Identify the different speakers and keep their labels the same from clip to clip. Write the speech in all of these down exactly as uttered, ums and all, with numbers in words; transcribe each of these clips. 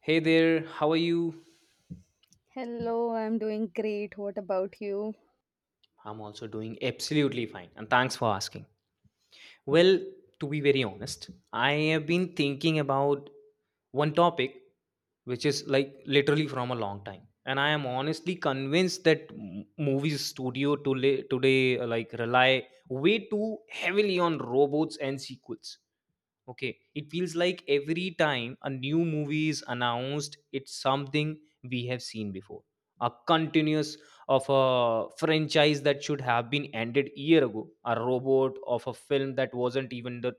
Speaker 1: Hey there, how are you?
Speaker 2: Hello, I'm doing great. What about you?
Speaker 1: I'm also doing absolutely fine, and thanks for asking. Well, to be very honest, I have been thinking about one topic which is like literally from a long time, and I am honestly convinced that m- movie studio to today uh, like rely way too heavily on robots and sequels. Okay, it feels like every time a new movie is announced, it's something we have seen before. A continuous of a franchise that should have been ended year ago, a robot of a film that wasn't even that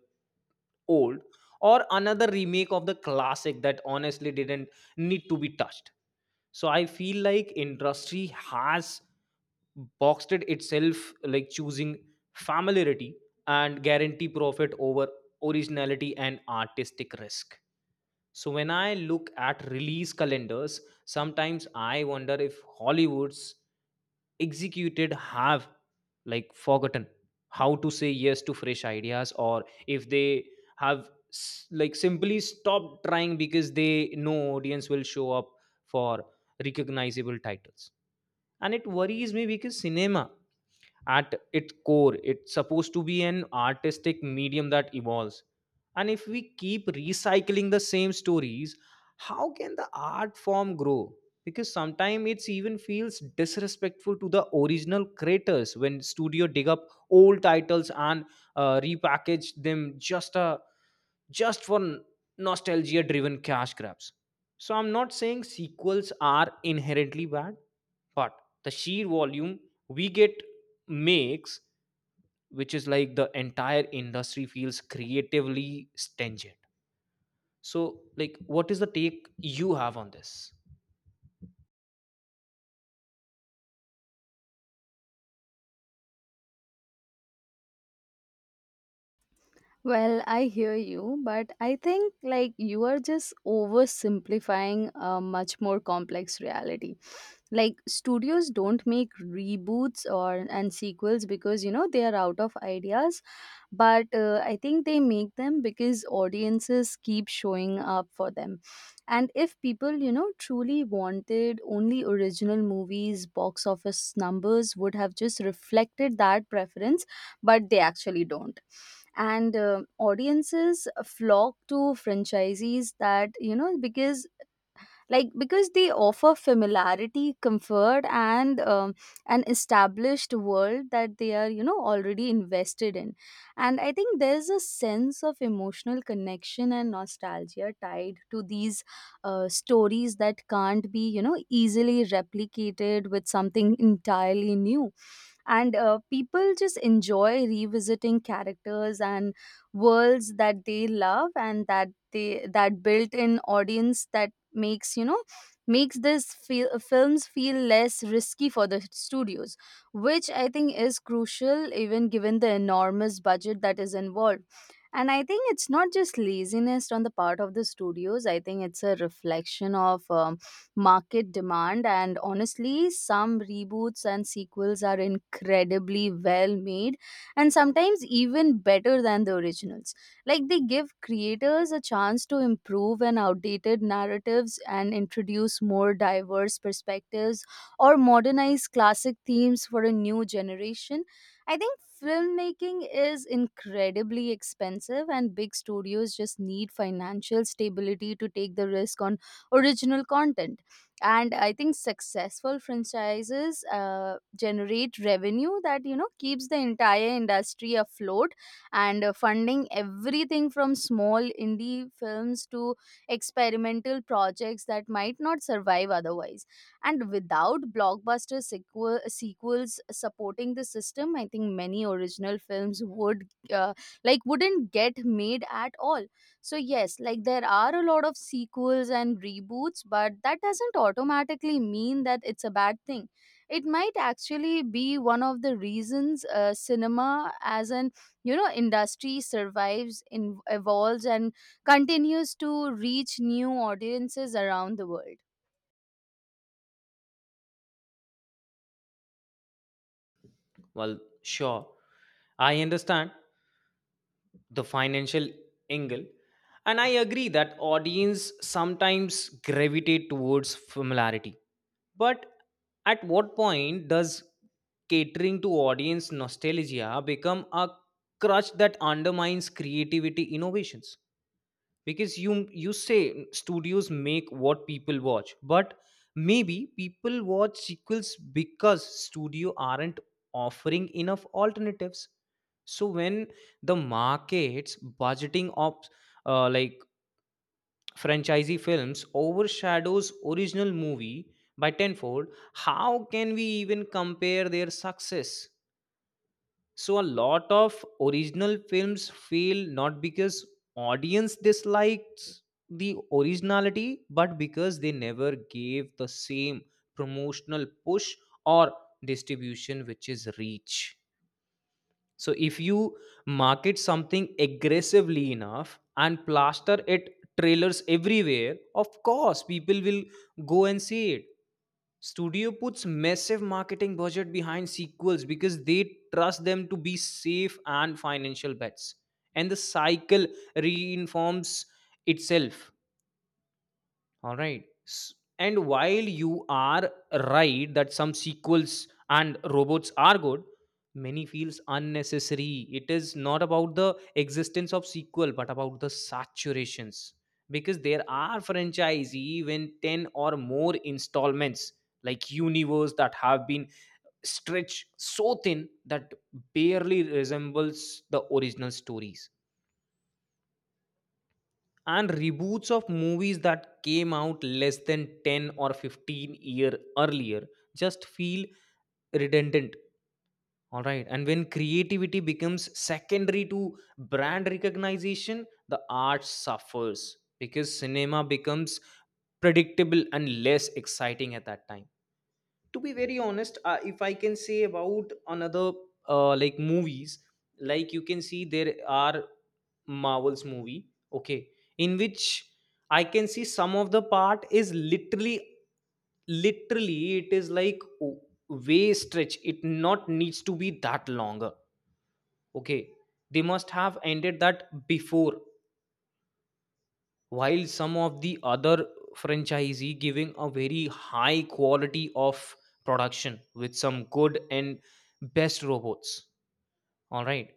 Speaker 1: old, or another remake of the classic that honestly didn't need to be touched. So I feel like industry has boxed it itself, like choosing familiarity and guarantee profit over originality and artistic risk. So when I look at release calendars, sometimes I wonder if Hollywood's executed have like forgotten how to say yes to fresh ideas, or if they have s- like simply stopped trying because they know audience will show up for recognizable titles. And it worries me because cinema at its core it's supposed to be an artistic medium that evolves, and if we keep recycling the same stories, how can the art form grow? Because sometimes it's even feels disrespectful to the original creators when studio dig up old titles and uh, repackage them just uh, just for nostalgia driven cash grabs. So I'm not saying sequels are inherently bad, but the sheer volume we get makes, which is like the entire industry feels creatively stringent. So like, what is the take you have on this?
Speaker 2: Well, I hear you, but I think like you are just oversimplifying a much more complex reality. Like studios don't make reboots or and sequels because you know they are out of ideas, but uh, I think they make them because audiences keep showing up for them. And if people, you know, truly wanted only original movies, box office numbers would have just reflected that preference, but they actually don't. And uh, audiences flock to franchisees that, you know, because like because they offer familiarity, comfort, and um, an established world that they are, you know, already invested in. And I think there's a sense of emotional connection and nostalgia tied to these uh, stories that can't be, you know, easily replicated with something entirely new. And uh, people just enjoy revisiting characters and worlds that they love, and that they that built-in audience that makes, you know, makes this feel, films feel less risky for the studios, which I think is crucial even given the enormous budget that is involved. And I think it's not just laziness on the part of the studios. I think it's a reflection of um, market demand, and honestly some reboots and sequels are incredibly well made, and sometimes even better than the originals. Like they give creators a chance to improve and outdated narratives and introduce more diverse perspectives or modernize classic themes for a new generation. I think filmmaking is incredibly expensive, and big studios just need financial stability to take the risk on original content. And I think successful franchises uh, generate revenue that, you know, keeps the entire industry afloat, and uh, funding everything from small indie films to experimental projects that might not survive otherwise. And without blockbuster sequel- sequels supporting the system, I think many original films would uh, like wouldn't get made at all. So, yes, like there are a lot of sequels and reboots, but that doesn't automatically mean that it's a bad thing. It might actually be one of the reasons uh, cinema as an, you know, industry survives, in, evolves, and continues to reach new audiences around the world.
Speaker 1: Well, sure, I understand the financial angle, and I agree that audience sometimes gravitate towards familiarity, but at what point does catering to audience nostalgia become a crutch that undermines creativity innovations? Because you you say studios make what people watch, but maybe people watch sequels because studio aren't offering enough alternatives. So when the markets budgeting of uh, like franchisee films overshadows original movie by tenfold, how can we even compare their success? So a lot of original films fail not because audience dislikes the originality, but because they never gave the same promotional push or distribution, which is reach. So if you market something aggressively enough and plaster it trailers everywhere, of course people will go and see it. Studio puts massive marketing budget behind sequels because they trust them to be safe and financial bets. And the cycle reinforms itself. All right. S- And while you are right that some sequels and robots are good, many feels unnecessary. It is not about the existence of sequel, but about the saturations. Because there are franchise even ten or more installments, like universe that have been stretched so thin that barely resembles the original stories, and reboots of movies that came out less than ten or fifteen year earlier just feel redundant. All right, and when creativity becomes secondary to brand recognition, the art suffers because cinema becomes predictable and less exciting at that time. To be very honest, uh, if I can say about another uh, like movies, like you can see there are marvels movie. Okay, in which I can see some of the part is literally literally it is like w- way stretch it, not needs to be that longer. Okay, they must have ended that before, while some of the other franchisee giving a very high quality of production with some good and best robots. All right.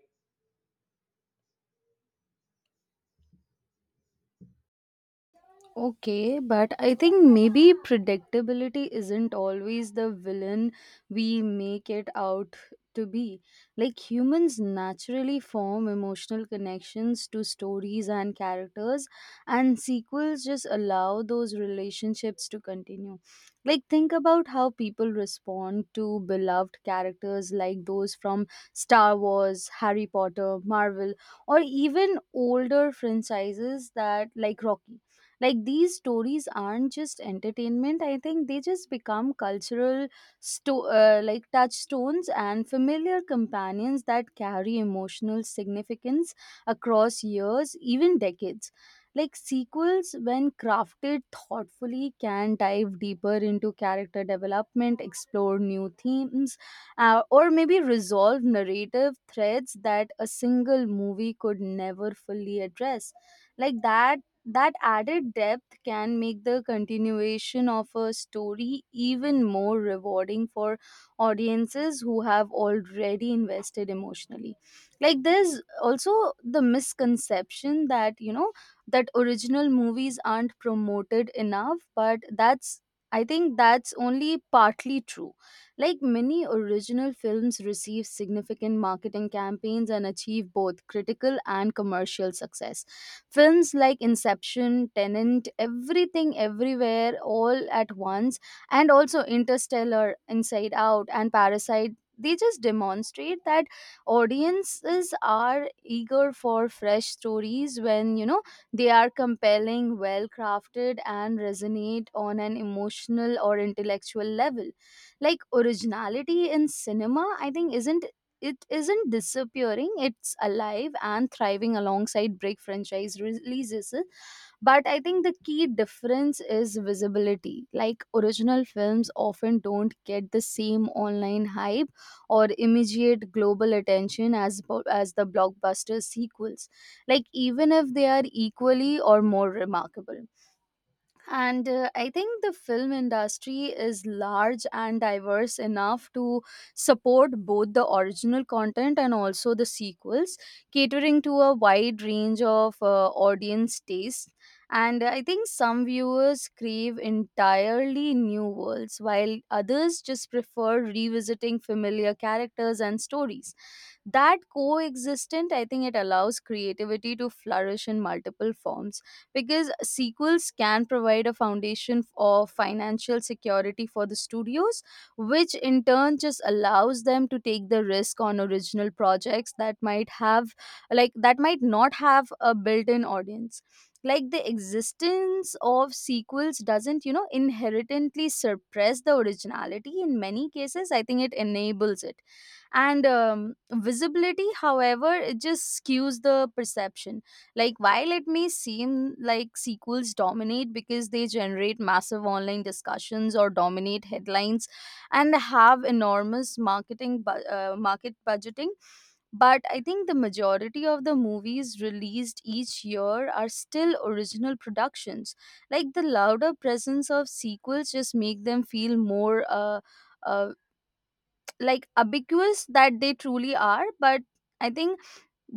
Speaker 2: Okay, but I think maybe predictability isn't always the villain we make it out to be. Like humans naturally form emotional connections to stories and characters, and sequels just allow those relationships to continue. Like, think about how people respond to beloved characters like those from Star Wars, Harry Potter, Marvel, or even older franchises that like Rocky. Like these stories aren't just entertainment. I think they just become cultural, sto- uh, like touchstones and familiar companions that carry emotional significance across years, even decades. Like sequels, when crafted thoughtfully, can dive deeper into character development, explore new themes, uh, or maybe resolve narrative threads that a single movie could never fully address, like that that added depth can make the continuation of a story even more rewarding for audiences who have already invested emotionally. Like there's also the misconception that, you know, that original movies aren't promoted enough, but that's I think that's only partly true. Like many original films receive significant marketing campaigns and achieve both critical and commercial success. Films like Inception, Tenant, Everything Everywhere All at Once, and also Interstellar, Inside Out, and Parasite, they just demonstrate that audiences are eager for fresh stories when, you know, they are compelling, well crafted, and resonate on an emotional or intellectual level. Like originality in cinema, I think, isn't it isn't disappearing. It's alive and thriving alongside break franchise releases. But I think the key difference is visibility. Like original films often don't get the same online hype or immediate global attention as po- as the blockbuster sequels, like even if they are equally or more remarkable. And uh, I think the film industry is large and diverse enough to support both the original content and also the sequels, catering to a wide range of uh, audience tastes. And I think some viewers crave entirely new worlds, while others just prefer revisiting familiar characters and stories. That coexistent, I think, it allows creativity to flourish in multiple forms, because sequels can provide a foundation of financial security for the studios, which in turn just allows them to take the risk on original projects that might have, like, that might not have a built in audience. Like the existence of sequels doesn't, you know, inherently suppress the originality. In many cases, I think it enables it. And um, visibility, however, it just skews the perception. Like, while it may seem like sequels dominate because they generate massive online discussions or dominate headlines and have enormous marketing bu- uh, market budgeting, but I think the majority of the movies released each year are still original productions. Like, the louder presence of sequels just make them feel more uh, uh, like ubiquitous that they truly are, but I think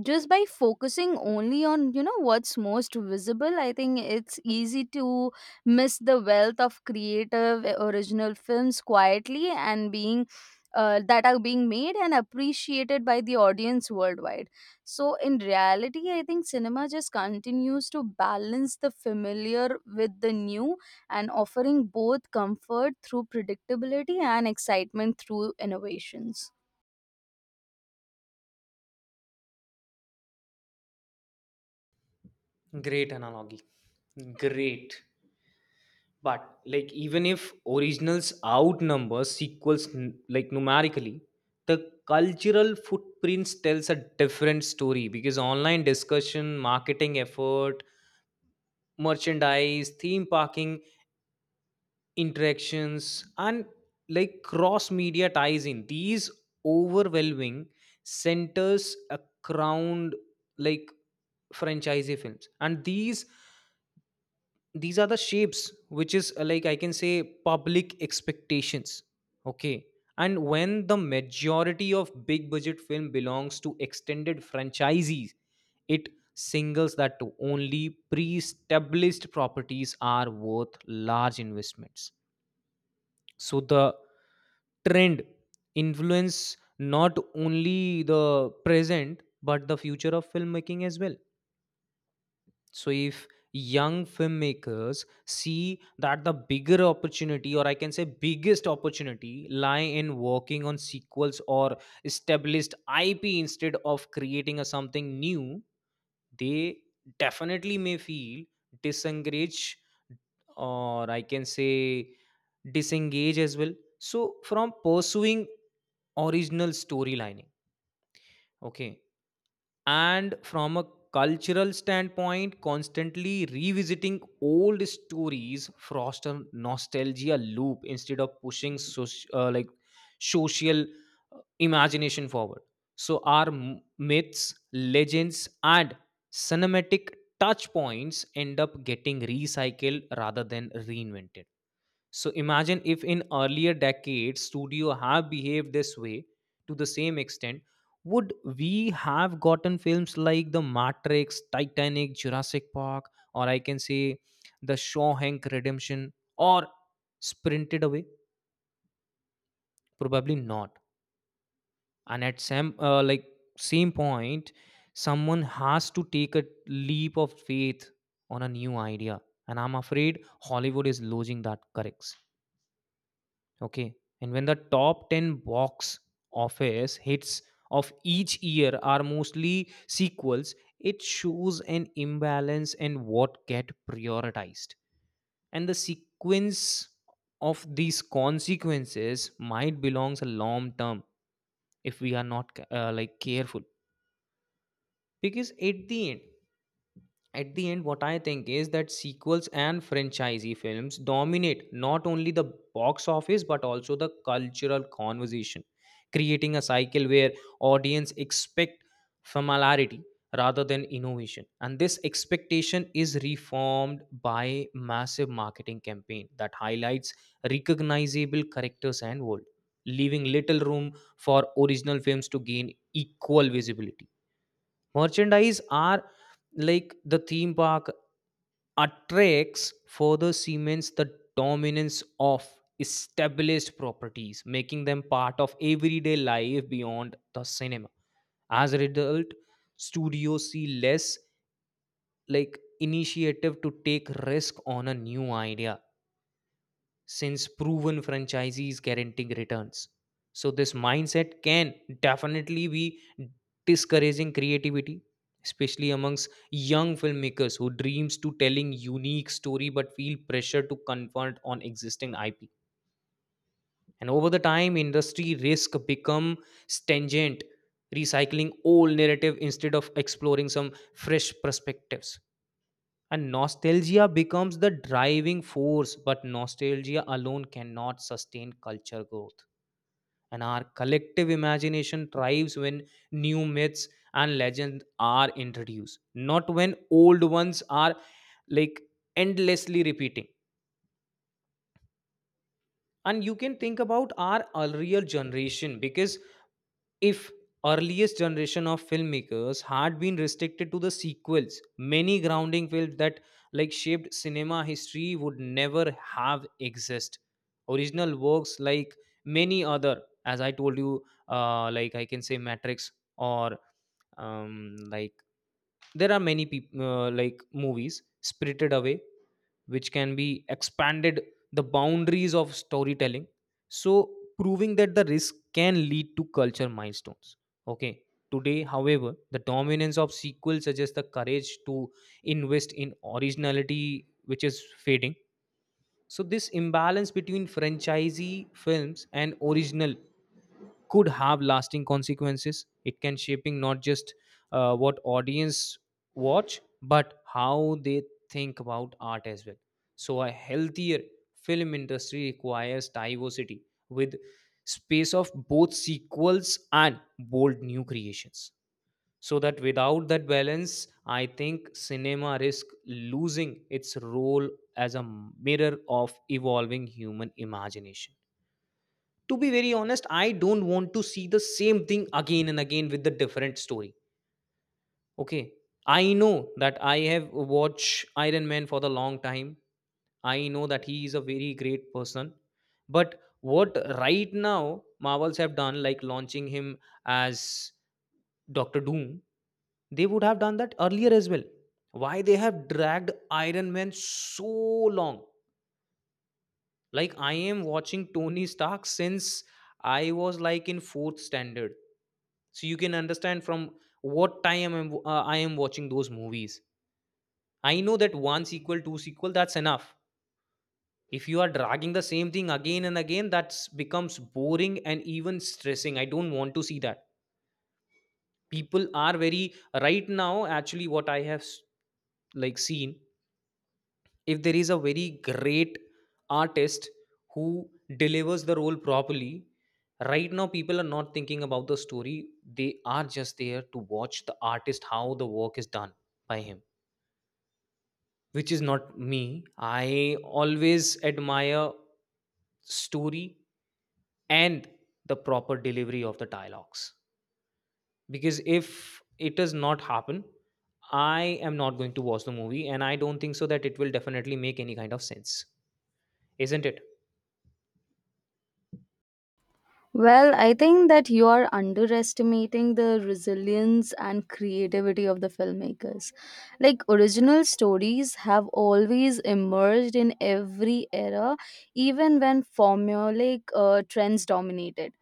Speaker 2: just by focusing only on, you know, what's most visible, I think it's easy to miss the wealth of creative eh, original films quietly and being uh, that are being made and appreciated by the audience worldwide. So in reality, I think cinema just continues to balance the familiar with the new, and offering both comfort through predictability and excitement through innovations.
Speaker 1: Great analogy. Great. But like, even if originals outnumber sequels n- like numerically, the cultural footprints tells a different story, because online discussion, marketing effort, merchandise, theme parking interactions, and like cross media ties in, these overwhelming centers around like franchise films, and these these are the shapes which is uh, like I can say public expectations. Okay, and when the majority of big budget film belongs to extended franchisees, it singles that to only pre-established properties are worth large investments. So the trend influence not only the present but the future of filmmaking as well. So if young filmmakers see that the bigger opportunity, or I can say biggest opportunity, lie in working on sequels or established IP instead of creating a something new, they definitely may feel disengaged, or I can say disengage as well, so from pursuing original storylining. Okay, and from a cultural standpoint, constantly revisiting old stories foster nostalgia loop instead of pushing soci- uh, like social uh, imagination forward. So our m- myths, legends and cinematic touch points end up getting recycled rather than reinvented. So imagine if in earlier decades studio have behaved this way to the same extent, would we have gotten films like The Matrix, Titanic, Jurassic Park, or I can say The Shawshank Redemption, or Sprinted Away? Probably not. And at some uh, like same point, someone has to take a leap of faith on a new idea, and I'm afraid Hollywood is losing that correct. Okay. And when the top ten box office hits of each year are mostly sequels, it shows an imbalance in what get prioritized. And the sequence of these consequences might belongs a long term if we are not uh, like careful, because at the end at the end what I think is that sequels and franchisee films dominate not only the box office but also the cultural conversation, creating a cycle where audience expect familiarity rather than innovation. And this expectation is reformed by massive marketing campaign that highlights recognizable characters and world, leaving little room for original films to gain equal visibility. Merchandise are like the theme park attracts further cements the dominance of established properties, making them part of everyday life beyond the cinema. As a result, studios see less like initiative to take risk on a new idea, since proven franchisees guaranteeing returns. So this mindset can definitely be discouraging creativity, especially amongst young filmmakers who dreams to telling unique story but feel pressure to convert on existing I P. And over the time, industry risk become stringent, recycling old narrative instead of exploring some fresh perspectives. And nostalgia becomes the driving force, but nostalgia alone cannot sustain culture growth. And our collective imagination thrives when new myths and legends are introduced, not when old ones are like endlessly repeating. And you can think about our earlier generation, because if earliest generation of filmmakers had been restricted to the sequels, many grounding films that like shaped cinema history would never have exist. Original works like many other, as I told you, uh, like I can say Matrix, or um, like there are many peop- uh, like movies Spirited Away, which can be expanded the boundaries of storytelling, so proving that the risk can lead to culture milestones. Okay, today however the dominance of sequels suggests the courage to invest in originality which is fading. So this imbalance between franchisee films and original could have lasting consequences. It can shaping not just uh, what audience watch, but how they think about art as well. So a healthier film industry requires diversity with space of both sequels and bold new creations, so that without that balance I think cinema risk losing its role as a mirror of evolving human imagination. To be very honest, I don't want to see the same thing again and again with the different story. Okay, I know that I have watched Iron Man for the long time. I know that he is a very great person, but what right now Marvels have done, like launching him as Doctor Doom, they would have done that earlier as well. Why they have dragged Iron Man so long? Like, I am watching Tony Stark since I was like in fourth standard, so you can understand from what time I'm, uh, I am watching those movies. I know that one sequel, two sequel, that's enough. If you are dragging the same thing again and again, that becomes boring and even stressing, I don't want to see that. People are very, right now, actually what I have s- like seen, if there is a very great artist who delivers the role properly, right now people are not thinking about the story. They are just there to watch the artist how the work is done by him, which is not me. I always admire story and the proper delivery of the dialogues, because if it does not happen, I am not going to watch the movie, and I don't think so that it will definitely make any kind of sense, isn't it?
Speaker 2: Well, I think that you are underestimating the resilience and creativity of the filmmakers. Like, original stories have always emerged in every era, even when formulaic uh, trends dominated.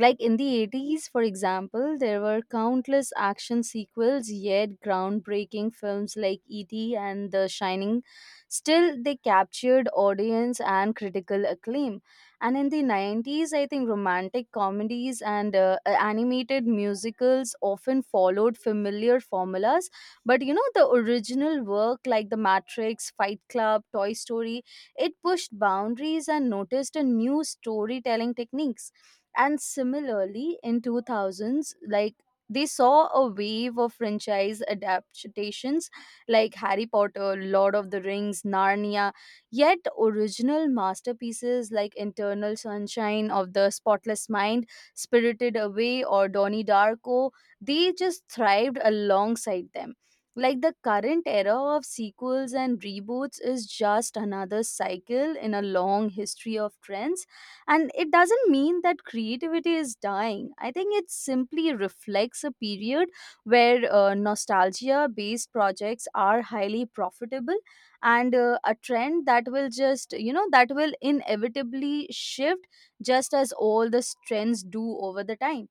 Speaker 2: Like in the eighties, for example, there were countless action sequels, yet groundbreaking films like E T and The Shining, still they captured audience and critical acclaim. And in the nineties, I think romantic comedies and uh, animated musicals often followed familiar formulas. But you know, the original work like The Matrix, Fight Club, Toy Story, it pushed boundaries and noticed a new storytelling techniques. And similarly, in two thousands, like they saw a wave of franchise adaptations like Harry Potter, Lord of the Rings, Narnia, yet original masterpieces like Internal Sunshine of the Spotless Mind, Spirited Away, or Donnie Darko, they just thrived alongside them. Like the current era of sequels and reboots is just another cycle in a long history of trends. And it doesn't mean that creativity is dying. I think it simply reflects a period where uh, nostalgia based projects are highly profitable, and uh, a trend that will just, you know, that will inevitably shift, just as all the trends do over the time.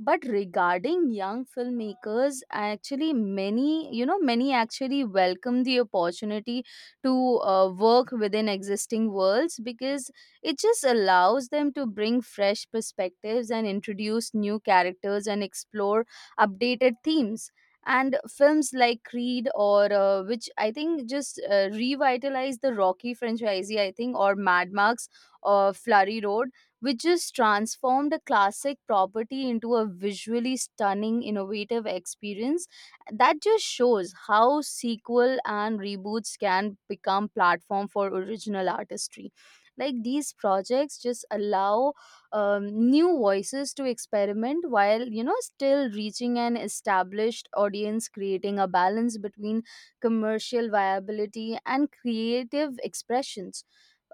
Speaker 2: But regarding young filmmakers, actually many, you know, many actually welcome the opportunity to uh, work within existing worlds, because it just allows them to bring fresh perspectives and introduce new characters and explore updated themes. And films like Creed, or uh, which I think just uh, revitalize the Rocky franchise, I think, or Mad Max or Flurry Road, which just transformed a classic property into a visually stunning, innovative experience. That just shows how sequel and reboots can become platform for original artistry. Like these projects just allow um, new voices to experiment while, you know, still reaching an established audience, creating a balance between commercial viability and creative expressions.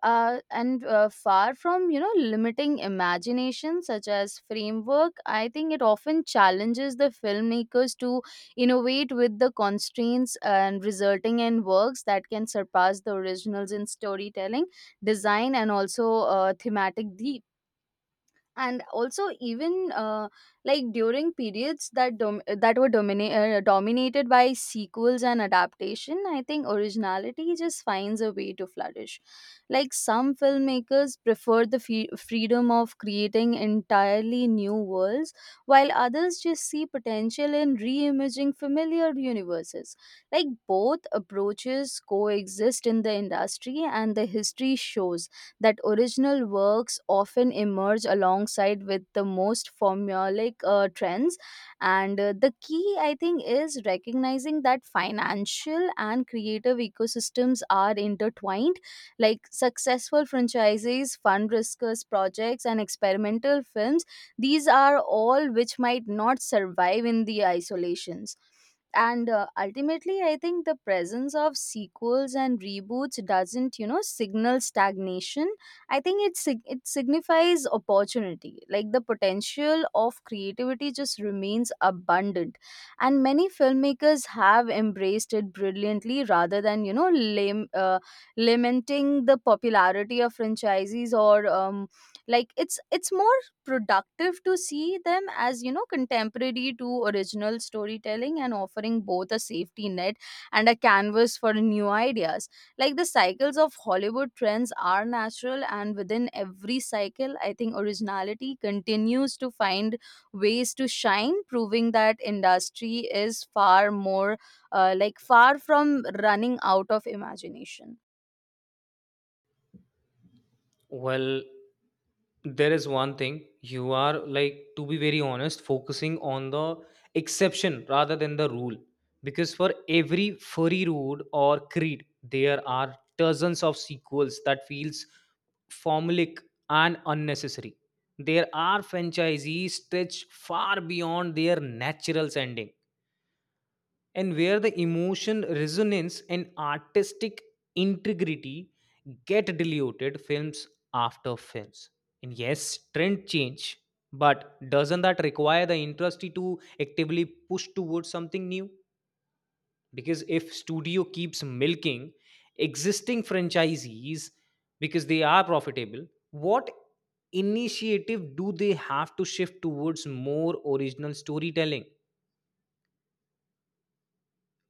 Speaker 2: Uh, and uh, Far from, you know, limiting imagination, such as framework, I think it often challenges the filmmakers to innovate with the constraints, and resulting in works that can surpass the originals in storytelling, design, and also uh, thematic deep. And also even uh, like during periods that dom- that were domina- uh, dominated by sequels and adaptation, I think originality just finds a way to flourish. Like some filmmakers prefer the fe- freedom of creating entirely new worlds, while others just see potential in reimagining familiar universes. Like both approaches coexist in the industry, and the history shows that original works often emerge alongside with the most formulaic uh, trends. And uh, the key, I think, is recognizing that financial and creative ecosystems are intertwined. Like successful franchises fund riskers projects and experimental films, these are all which might not survive in the isolations. And uh, ultimately, I think the presence of sequels and reboots doesn't, you know, signal stagnation. I think it sig- it signifies opportunity. Like the potential of creativity just remains abundant, and many filmmakers have embraced it brilliantly, rather than, you know, lam- uh, lamenting the popularity of franchises or um, like it's it's more productive to see them as, you know, contemporary to original storytelling, and offering both a safety net and a canvas for new ideas. Like the cycles of Hollywood trends are natural, and within every cycle, I think, originality continues to find ways to shine, proving that industry is far more uh, like far from running out of imagination.
Speaker 1: Well, there is one thing you are like, to be very honest, focusing on the exception rather than the rule, because for every furry road or creed there are dozens of sequels that feels formulaic and unnecessary. There are franchisees stretched far beyond their natural ending, and where the emotion resonance and artistic integrity get diluted films after films. And yes, trend change, but doesn't that require the industry to actively push towards something new? Because if studio keeps milking existing franchisees because they are profitable, what initiative do they have to shift towards more original storytelling?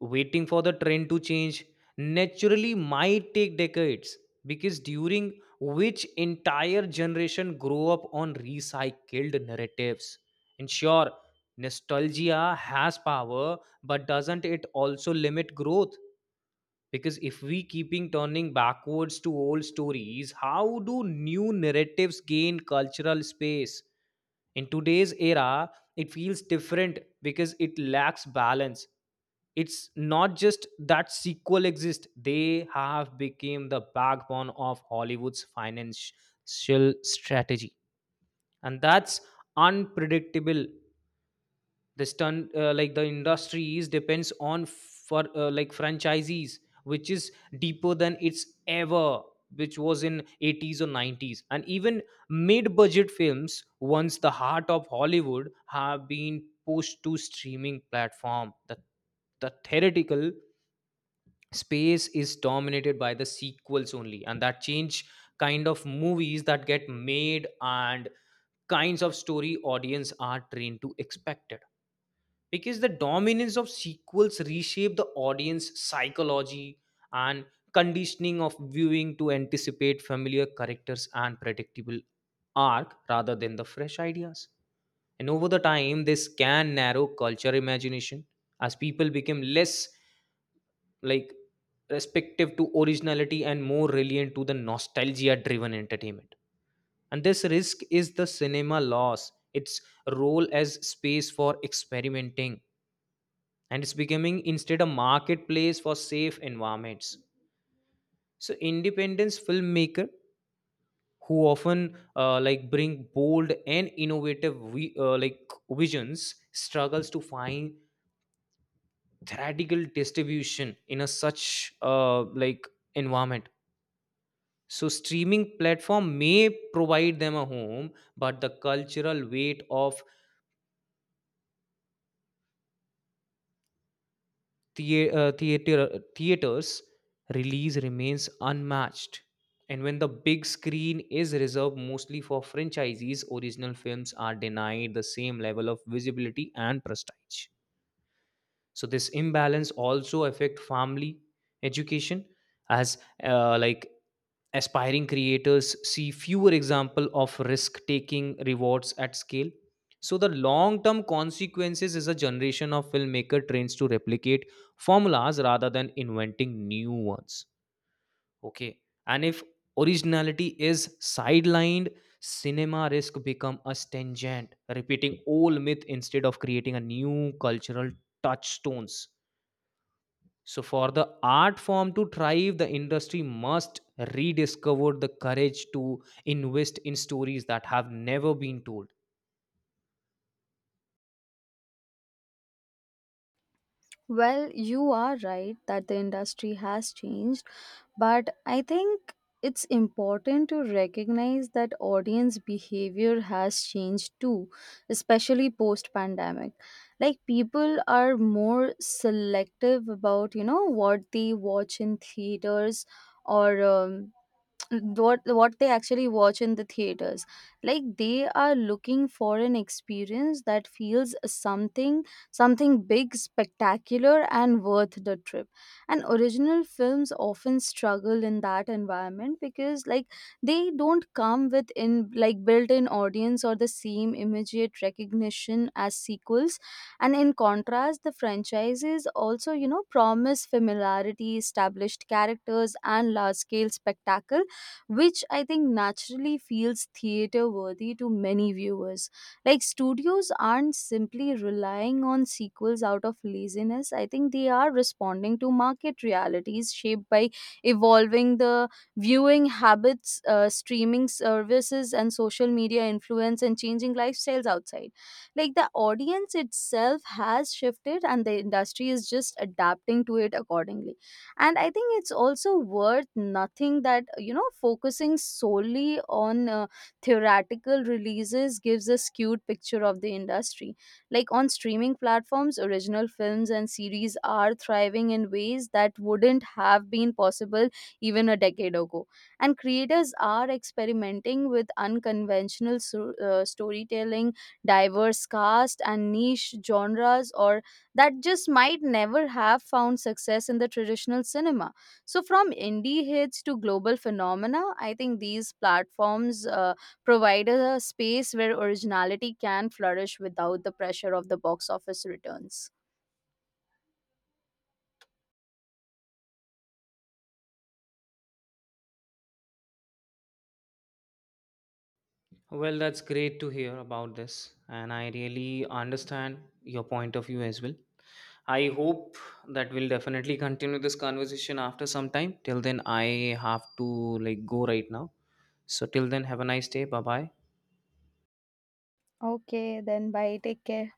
Speaker 1: Waiting for the trend to change naturally might take decades, because during which entire generation grow up on recycled narratives. And sure, nostalgia has power, but doesn't it also limit growth? Because if we keeping turning backwards to old stories, how do new narratives gain cultural space? In today's era, it feels different because it lacks balance. It's not just that sequel exist, they have become the backbone of Hollywood's financial strategy, and that's unpredictable. The stunt, uh, like the industries depends on for uh, like franchisees, which is deeper than it's ever, which was in eighties or nineties. And even mid budget films, once the heart of Hollywood, have been pushed to streaming platform. The the theoretical space is dominated by the sequels only, and that change kind of movies that get made and kinds of story audience are trained to expect it. Because the dominance of sequels reshape the audience psychology and conditioning of viewing to anticipate familiar characters and predictable arc rather than the fresh ideas. And over the time this can narrow culture imagination, as people become less like respective to originality and more reliant to the nostalgia driven entertainment. And this risk is the cinema loss its role as space for experimenting, and it's becoming instead a marketplace for safe environments. So independence filmmaker who often uh, like bring bold and innovative vi- uh, like visions struggles to find theoretical distribution in a such uh, like environment. So streaming platform may provide them a home, but the cultural weight of thea- uh, theater, uh, theaters release remains unmatched. And when the big screen is reserved mostly for franchisees, original films are denied the same level of visibility and prestige. So this imbalance also affect family education, as uh, like aspiring creators see fewer example of risk taking rewards at scale. So the long term consequences is a generation of filmmaker trains to replicate formulas rather than inventing new ones. Okay, and if originality is sidelined, cinema risk become a stringent, repeating old myth instead of creating a new cultural touchstones. So for the art form to thrive, the industry must rediscover the courage to invest in stories that have never been told.
Speaker 2: Well, you are right that the industry has changed, but I think it's important to recognize that audience behavior has changed too, especially post pandemic. Like people are more selective about, you know, what they watch in theaters, or um, what what they actually watch in the theaters. Like they are looking for an experience that feels something something big, spectacular, and worth the trip. And original films often struggle in that environment, because like they don't come with in like built-in audience or the same immediate recognition as sequels. And in contrast, the franchises also, you know, promise familiarity, established characters, and large-scale spectacle, which I think naturally feels theater worthy to many viewers. Like studios aren't simply relying on sequels out of laziness. I think they are responding to market realities shaped by evolving the viewing habits, uh, streaming services, and social media influence, and changing lifestyles outside. Like the audience itself has shifted, and the industry is just adapting to it accordingly. And I think it's also worth nothing that, you know, focusing solely on uh, theoretical releases gives a skewed picture of the industry. Like on streaming platforms, original films and series are thriving in ways that wouldn't have been possible even a decade ago. And creators are experimenting with unconventional so- uh, storytelling, diverse cast, and niche genres, or that just might never have found success in the traditional cinema. So, from indie hits to global phenomena, I think these platforms uh, provide a space where originality can flourish without the pressure of the box office returns.
Speaker 1: Well, that's great to hear about this, and I really understand your point of view as well. I hope that we'll definitely continue this conversation after some time. Till then, I have to like go right now. So, till then, have a nice day. Bye bye.
Speaker 2: Okay, then bye. Take care.